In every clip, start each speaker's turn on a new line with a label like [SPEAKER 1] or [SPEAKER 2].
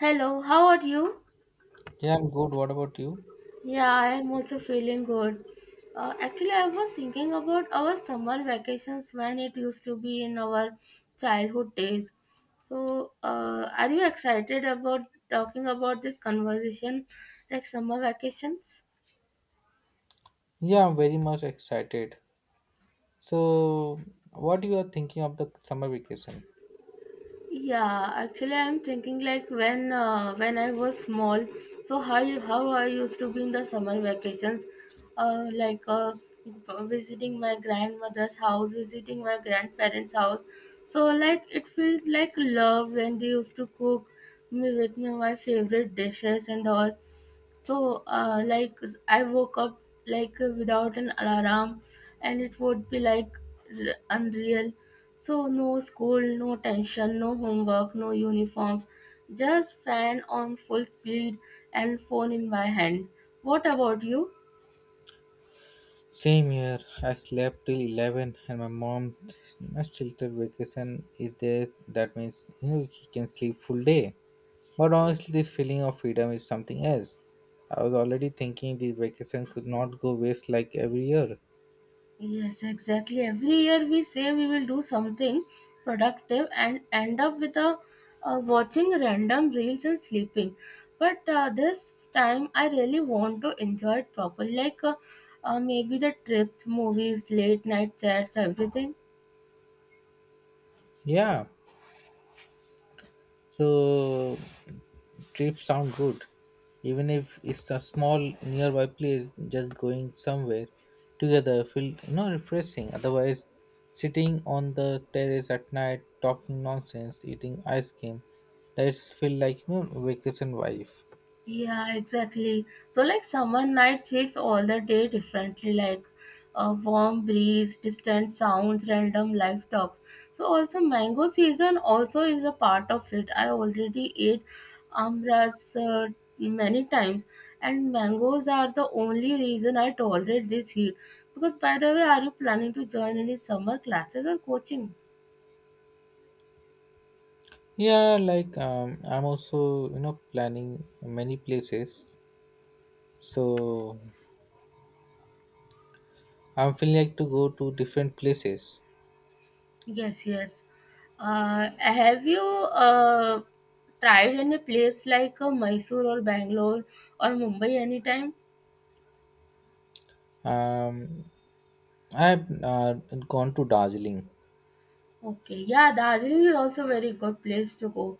[SPEAKER 1] Hello, how are you?
[SPEAKER 2] Yeah, I'm good. What about you?
[SPEAKER 1] Yeah, I am also feeling good. Actually, I was thinking about our summer vacations when it used to be in our childhood days. So, are you excited about talking about this conversation, like summer vacations?
[SPEAKER 2] Yeah, I'm very much excited. So, what you are thinking of the summer vacation?
[SPEAKER 1] Yeah, actually, I'm thinking like when I was small, so how I used to be in the summer vacations, uh, like uh, visiting my grandmother's house, visiting my grandparents' house. So like it felt like love when they used to cook me with me my favorite dishes and all. So, like, I woke up like without an alarm, and it would be like unreal. So, no school, no tension, no homework, no uniforms, just fan on full speed and phone in my hand. What about you?
[SPEAKER 2] Same here. I slept till 11, and my mom shelter vacation is there. That means he can sleep full day. But honestly, this feeling of freedom is something else. I was already thinking the vacation could not go waste like every year.
[SPEAKER 1] Yes, exactly. Every year we say we will do something productive and end up with watching random reels and sleeping. But this time I really want to enjoy it properly, maybe the trips, movies, late night chats, everything.
[SPEAKER 2] Yeah. So trips sound good, even if it's a small nearby place. Just going somewhere together feel refreshing. Otherwise, sitting on the terrace at night talking nonsense, eating ice cream, that's feel like vacation vibe.
[SPEAKER 1] Yeah, exactly. So, like, summer nights hits all the day differently, like a warm breeze, distant sounds, random life talks. So, also, mango season also is a part of it. I already ate amras many times, and mangoes are the only reason I tolerate this heat. Because, by the way, are you planning to join any summer classes or coaching?
[SPEAKER 2] Yeah, like I'm also planning many places, so I'm feeling like to go to different places.
[SPEAKER 1] Yes, yes. Have you tried in a place like Mysore or Bangalore or Mumbai anytime?
[SPEAKER 2] Um, I've gone to Darjeeling.
[SPEAKER 1] Okay, yeah, Darjeeling is also very good place to go.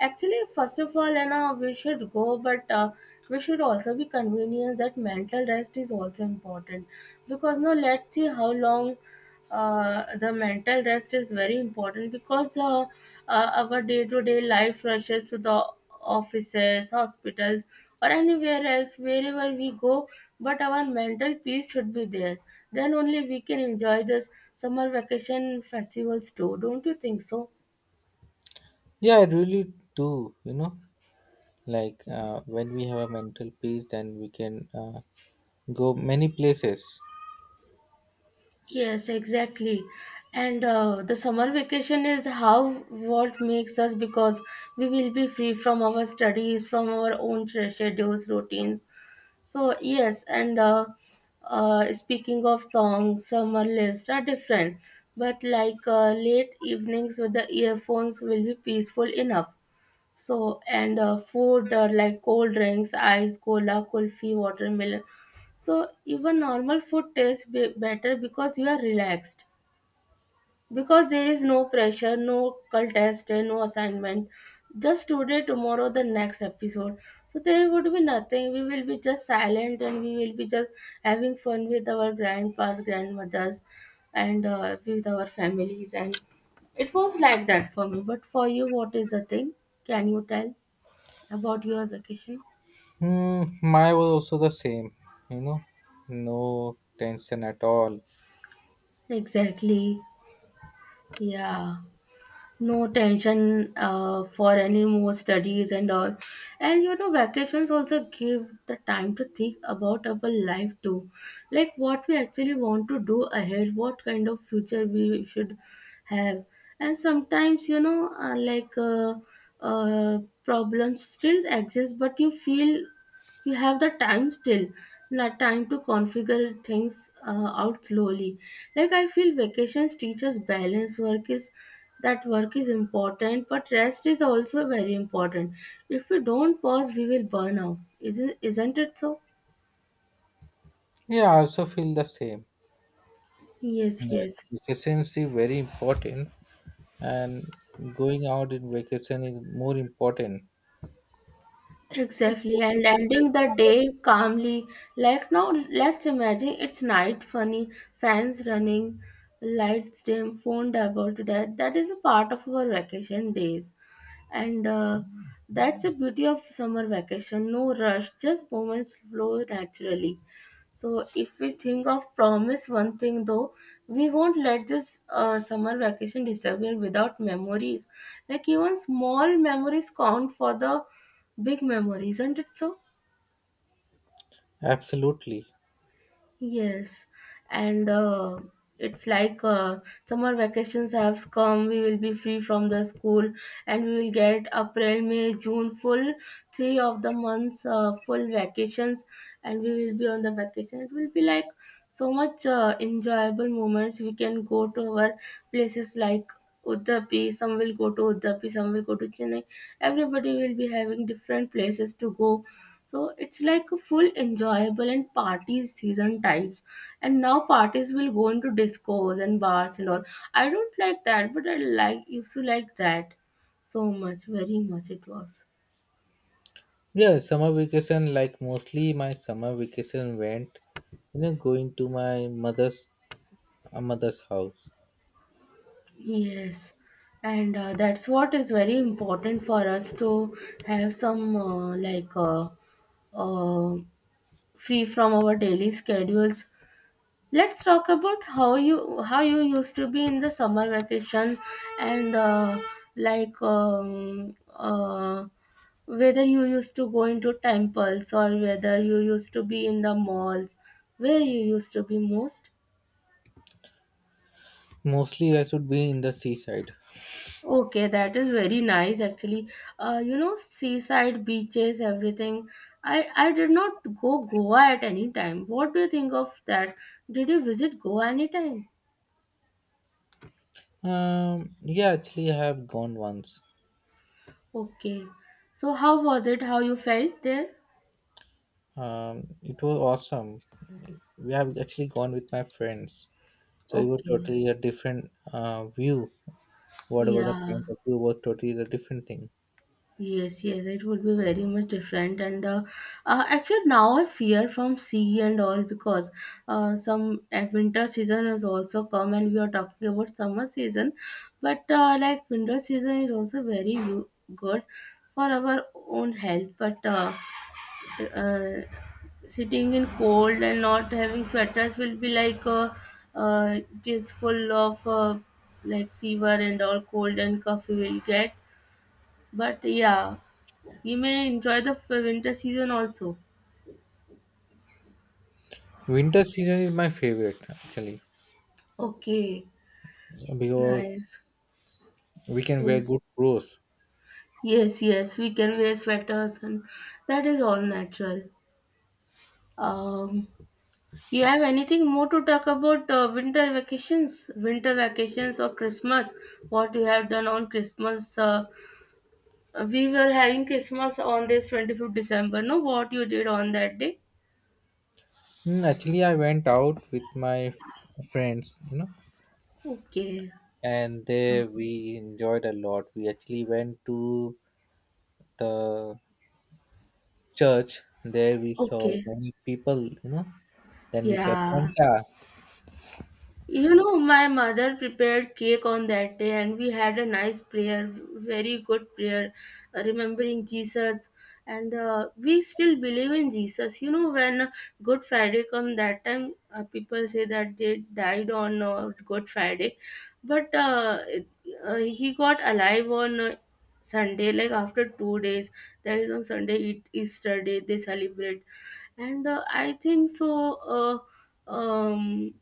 [SPEAKER 1] Actually, first of all, you know, we should go, but we should also be convenient that mental rest is also important because now let's see how long the mental rest is very important because our day-to-day life rushes to the offices, hospitals, or anywhere else, wherever we go. But our mental peace should be there. Then only we can enjoy this summer vacation festivals too. Don't you think so?
[SPEAKER 2] Yeah, I really do. Like when we have a mental peace, then we can go many places.
[SPEAKER 1] Yes, exactly. And the summer vacation is how what makes us because we will be free from our studies, from our own schedules, routines. So yes, and speaking of songs, summer lists are different, but late evenings with the earphones will be peaceful enough. So and food like cold drinks, ice, cola, kulfi, watermelon. So even normal food tastes better because you are relaxed, because there is no pressure, no contest and no assignment, just today, tomorrow, the next episode. So there would be nothing, we will be just silent, and we will be just having fun with our grandpas, grandmothers and with our families. And it was like that for me, but for you, what is the thing, can you tell about your vacation?
[SPEAKER 2] Hmm, my was also the same. You know, no tension at all.
[SPEAKER 1] Exactly, yeah. No tension for any more studies and all. And you know vacations also give the time to think about our life too, like what we actually want to do ahead, what kind of future we should have. And sometimes you know, uh, problems still exist but you feel you have the time still, not time to configure things out slowly. Like I feel vacations teach us balance. Work is that work is important, but rest is also very important. If we don't pause, we will burn out. Isn't it so?
[SPEAKER 2] Yeah, I also feel the same.
[SPEAKER 1] Yes,
[SPEAKER 2] That
[SPEAKER 1] yes.
[SPEAKER 2] vacancy very important, and going out in vacation is more important.
[SPEAKER 1] Exactly, and ending the day calmly. Like now, let's imagine it's night, funny, fans running, lights dim, phone about to death. That is a part of our vacation days. And that's the beauty of summer vacation, no rush, just moments flow naturally. So if we think of promise one thing though, we won't let this summer vacation disappear without memories, like even small memories count for the big memories, isn't it so?
[SPEAKER 2] Absolutely.
[SPEAKER 1] Yes, and it's like summer vacations have come. We will be free from the school, and we will get April, May, June full three of the months, full vacations, and we will be on the vacation. It will be like so much enjoyable moments. We can go to our places like Udupi. Some will go to Udupi. Some will go to Chennai. Everybody will be having different places to go, so it's like a full enjoyable and party season types. And now parties will go into discos and bars and all. I don't like that, but I like used to like that so much, very much it was.
[SPEAKER 2] Yeah, summer vacation, like mostly my summer vacation went, going to my mother's house.
[SPEAKER 1] Yes, and that's what is very important for us to have some uh, free from our daily schedules. Let's talk about how you used to be in the summer vacation, and like um, uh, whether you used to go into temples or whether you used to be in the malls, where you used to be most.
[SPEAKER 2] Mostly, I should be in the seaside.
[SPEAKER 1] Okay, that is very nice actually. You know, seaside beaches, everything. I did not go Goa at any time. What do you think of that? Did you visit Goa anytime?
[SPEAKER 2] Yeah, actually, I have gone once.
[SPEAKER 1] Okay. So how was it? How you felt there?
[SPEAKER 2] It was awesome. We have actually gone with my friends, so it was
[SPEAKER 1] Okay.
[SPEAKER 2] totally a different view. Whatever the
[SPEAKER 1] Yeah.
[SPEAKER 2] point of view was totally a different thing.
[SPEAKER 1] Yes, yes, it would be very much different. And actually, now I fear from sea and all because some winter season has also come, and we are talking about summer season. But like winter season is also very good for our own health. But uh, sitting in cold and not having sweaters will be like it is full of like fever and all, cold and cough we will get. But yeah, we may enjoy the winter season also.
[SPEAKER 2] Winter season is my favorite actually
[SPEAKER 1] Okay,
[SPEAKER 2] because
[SPEAKER 1] nice.
[SPEAKER 2] we can
[SPEAKER 1] Yeah.
[SPEAKER 2] wear good clothes.
[SPEAKER 1] Yes, yes, we can wear sweaters and that is all natural. Um, you have anything more to talk about winter vacations or Christmas? What you have done on Christmas? We were having Christmas on this 25th December. No, what you did on that day?
[SPEAKER 2] Hmm, actually, I went out with my friends,
[SPEAKER 1] Okay,
[SPEAKER 2] and there we enjoyed a lot. We actually went to the church. There we saw
[SPEAKER 1] okay,
[SPEAKER 2] many people. Then we saw
[SPEAKER 1] yeah.
[SPEAKER 2] Santa.
[SPEAKER 1] You know, my mother prepared cake on that day, and we had a nice prayer, very good prayer, remembering Jesus. And we still believe in Jesus. You know, when Good Friday come that time, people say that they died on Good Friday, but he got alive on Sunday, like after 2 days. That is on Sunday, it, Easter day, they celebrate. And I think so, uh, um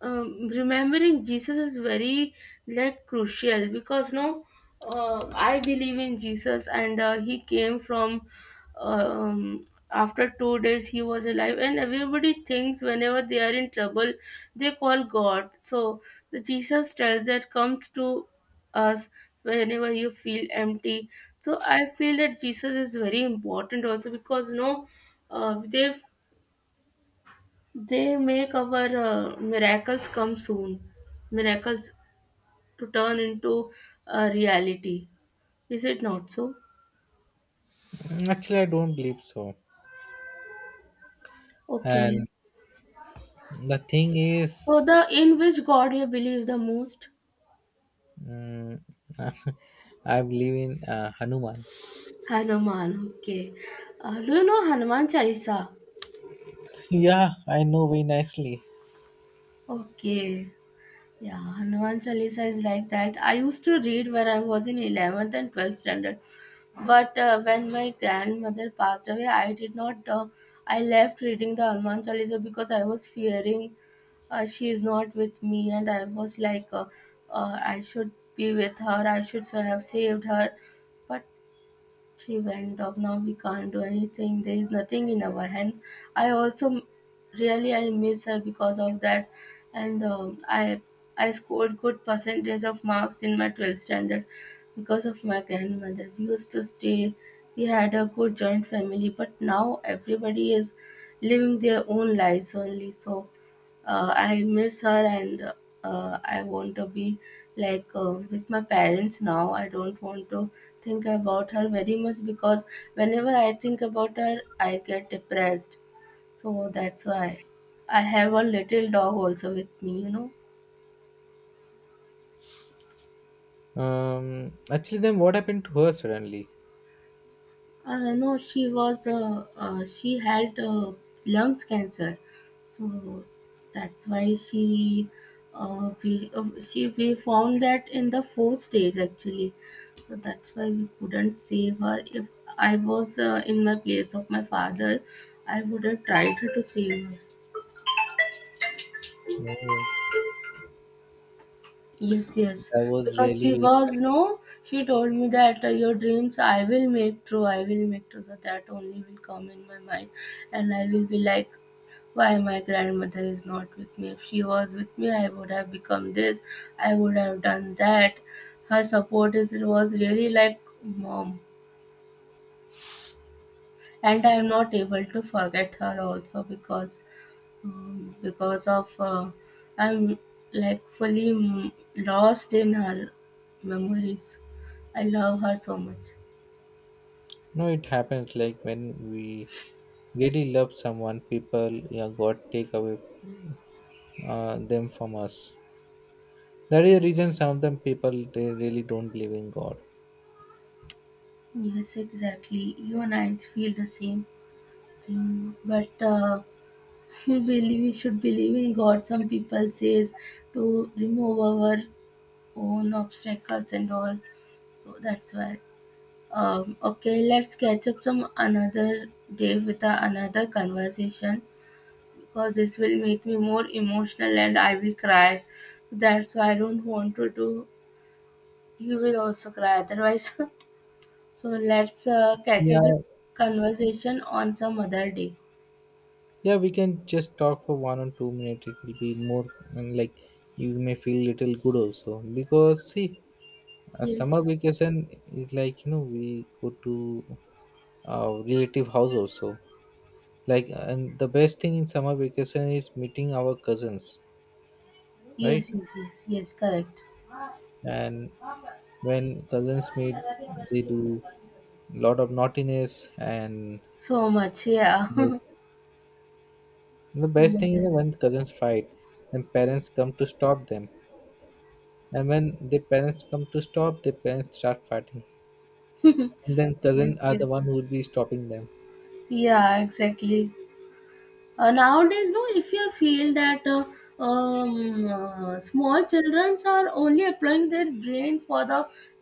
[SPEAKER 1] remembering Jesus is very like crucial, because no, I believe in Jesus, and he came from, after 2 days he was alive, and everybody thinks whenever they are in trouble they call God. So the Jesus tells that comes to us whenever you feel empty. So I feel that Jesus is very important also because no, uh, they they make our miracles come soon, miracles to turn into a reality. Is it not so?
[SPEAKER 2] Mm, actually, I don't believe so. And
[SPEAKER 1] Okay.
[SPEAKER 2] the thing
[SPEAKER 1] So
[SPEAKER 2] is,
[SPEAKER 1] the in which God you believe the most?
[SPEAKER 2] mm, I believe in Hanuman.
[SPEAKER 1] Hanuman. Okay. Do you know Hanuman Chalisa?
[SPEAKER 2] Yeah, I know very nicely.
[SPEAKER 1] Okay. Yeah, Hanuman Chalisa is like that. I used to read when I was in 11th and 12th standard. But when my grandmother passed away, I did not. I left reading the Hanuman Chalisa because I was fearing she is not with me, and I was like I should be with her, I should so have saved her, but she went off. Now we can't do anything, there is nothing in our hands. I also really I miss her because of that. And i scored good percentage of marks in my 12th standard because of my grandmother. We used to stay, we had a good joint family, but now everybody is living their own lives only. So I miss her, and I want to be like with my parents now. I don't want to think about her very much because whenever I think about her, I get depressed. So that's why I have a little dog also with me, you know.
[SPEAKER 2] Actually, then what happened to her suddenly?
[SPEAKER 1] No, she was she had lungs cancer, so that's why she we she we found that in the fourth stage actually, so that's why we couldn't save her. If I was in my place of my father, I would have tried to save her.
[SPEAKER 2] Oh,
[SPEAKER 1] Yes, yes.
[SPEAKER 2] that was
[SPEAKER 1] Because
[SPEAKER 2] really
[SPEAKER 1] she
[SPEAKER 2] very
[SPEAKER 1] was
[SPEAKER 2] sad.
[SPEAKER 1] no, she told me that your dreams I will make true, I will make true. So that only will come in my mind, and I will be like, why my grandmother is not with me? If she was with me, I would have become this, I would have done that. Her support is was really like mom, and I am not able to forget her also because of I'm like fully lost in her memories. I love her so much.
[SPEAKER 2] No, it happens like when we really love someone, people yeah, God take away them from us. That is the reason some of them people they really don't believe in God.
[SPEAKER 1] Yes, exactly. You and I feel the same thing, but we believe we should believe in God. Some people says to remove our own obstacles and all, so that's why. Okay, let's catch up some another day with a, another conversation, because this will make me more emotional and I will cry. That's why I don't want to do. You will also cry otherwise. So let's catch
[SPEAKER 2] Yeah,
[SPEAKER 1] up this conversation on some other day.
[SPEAKER 2] yeah, we can just talk for 1 or 2 minutes. It will be more, and like you may feel little good also because see, a
[SPEAKER 1] Yes,
[SPEAKER 2] summer vacation is like we go to our relative house also. Like, and the best thing in summer vacation is meeting our cousins, right?
[SPEAKER 1] yes, yes, yes, yes, correct.
[SPEAKER 2] And when cousins meet, they do lot of naughtiness and.
[SPEAKER 1] So much, yeah. So
[SPEAKER 2] And the best
[SPEAKER 1] much.
[SPEAKER 2] thing is
[SPEAKER 1] Yes,
[SPEAKER 2] that when cousins fight, then parents come to stop them. And when the parents come to stop, the parents start fighting. And then
[SPEAKER 1] yes.
[SPEAKER 2] cousin are
[SPEAKER 1] Yes.
[SPEAKER 2] the one who will be stopping them.
[SPEAKER 1] Yeah, exactly. Nowadays no, if you feel that small children are only applying their brain for the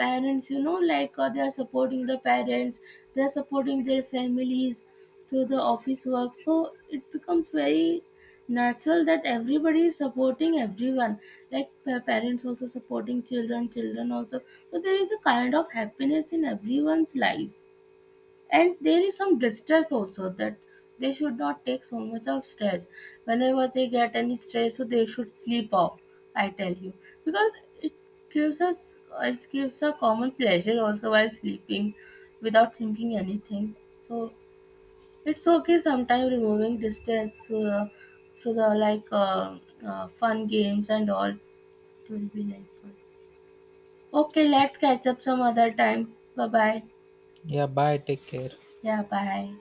[SPEAKER 1] parents, you know, like they are supporting the parents, they are supporting their families through the office work. So it becomes very natural that everybody is supporting everyone, like parents also supporting children, children also. So there is a kind of happiness in everyone's lives, and there is some distress also that they should not take so much of stress. Whenever they get any stress, so they should sleep off, I tell you, because it gives us, it gives a common pleasure also while sleeping without thinking anything. So it's okay, sometimes removing distress through the like fun games and all, it will be like fun. Okay, let's catch up some other time. Bye bye.
[SPEAKER 2] Yeah, bye, take care.
[SPEAKER 1] Yeah, bye.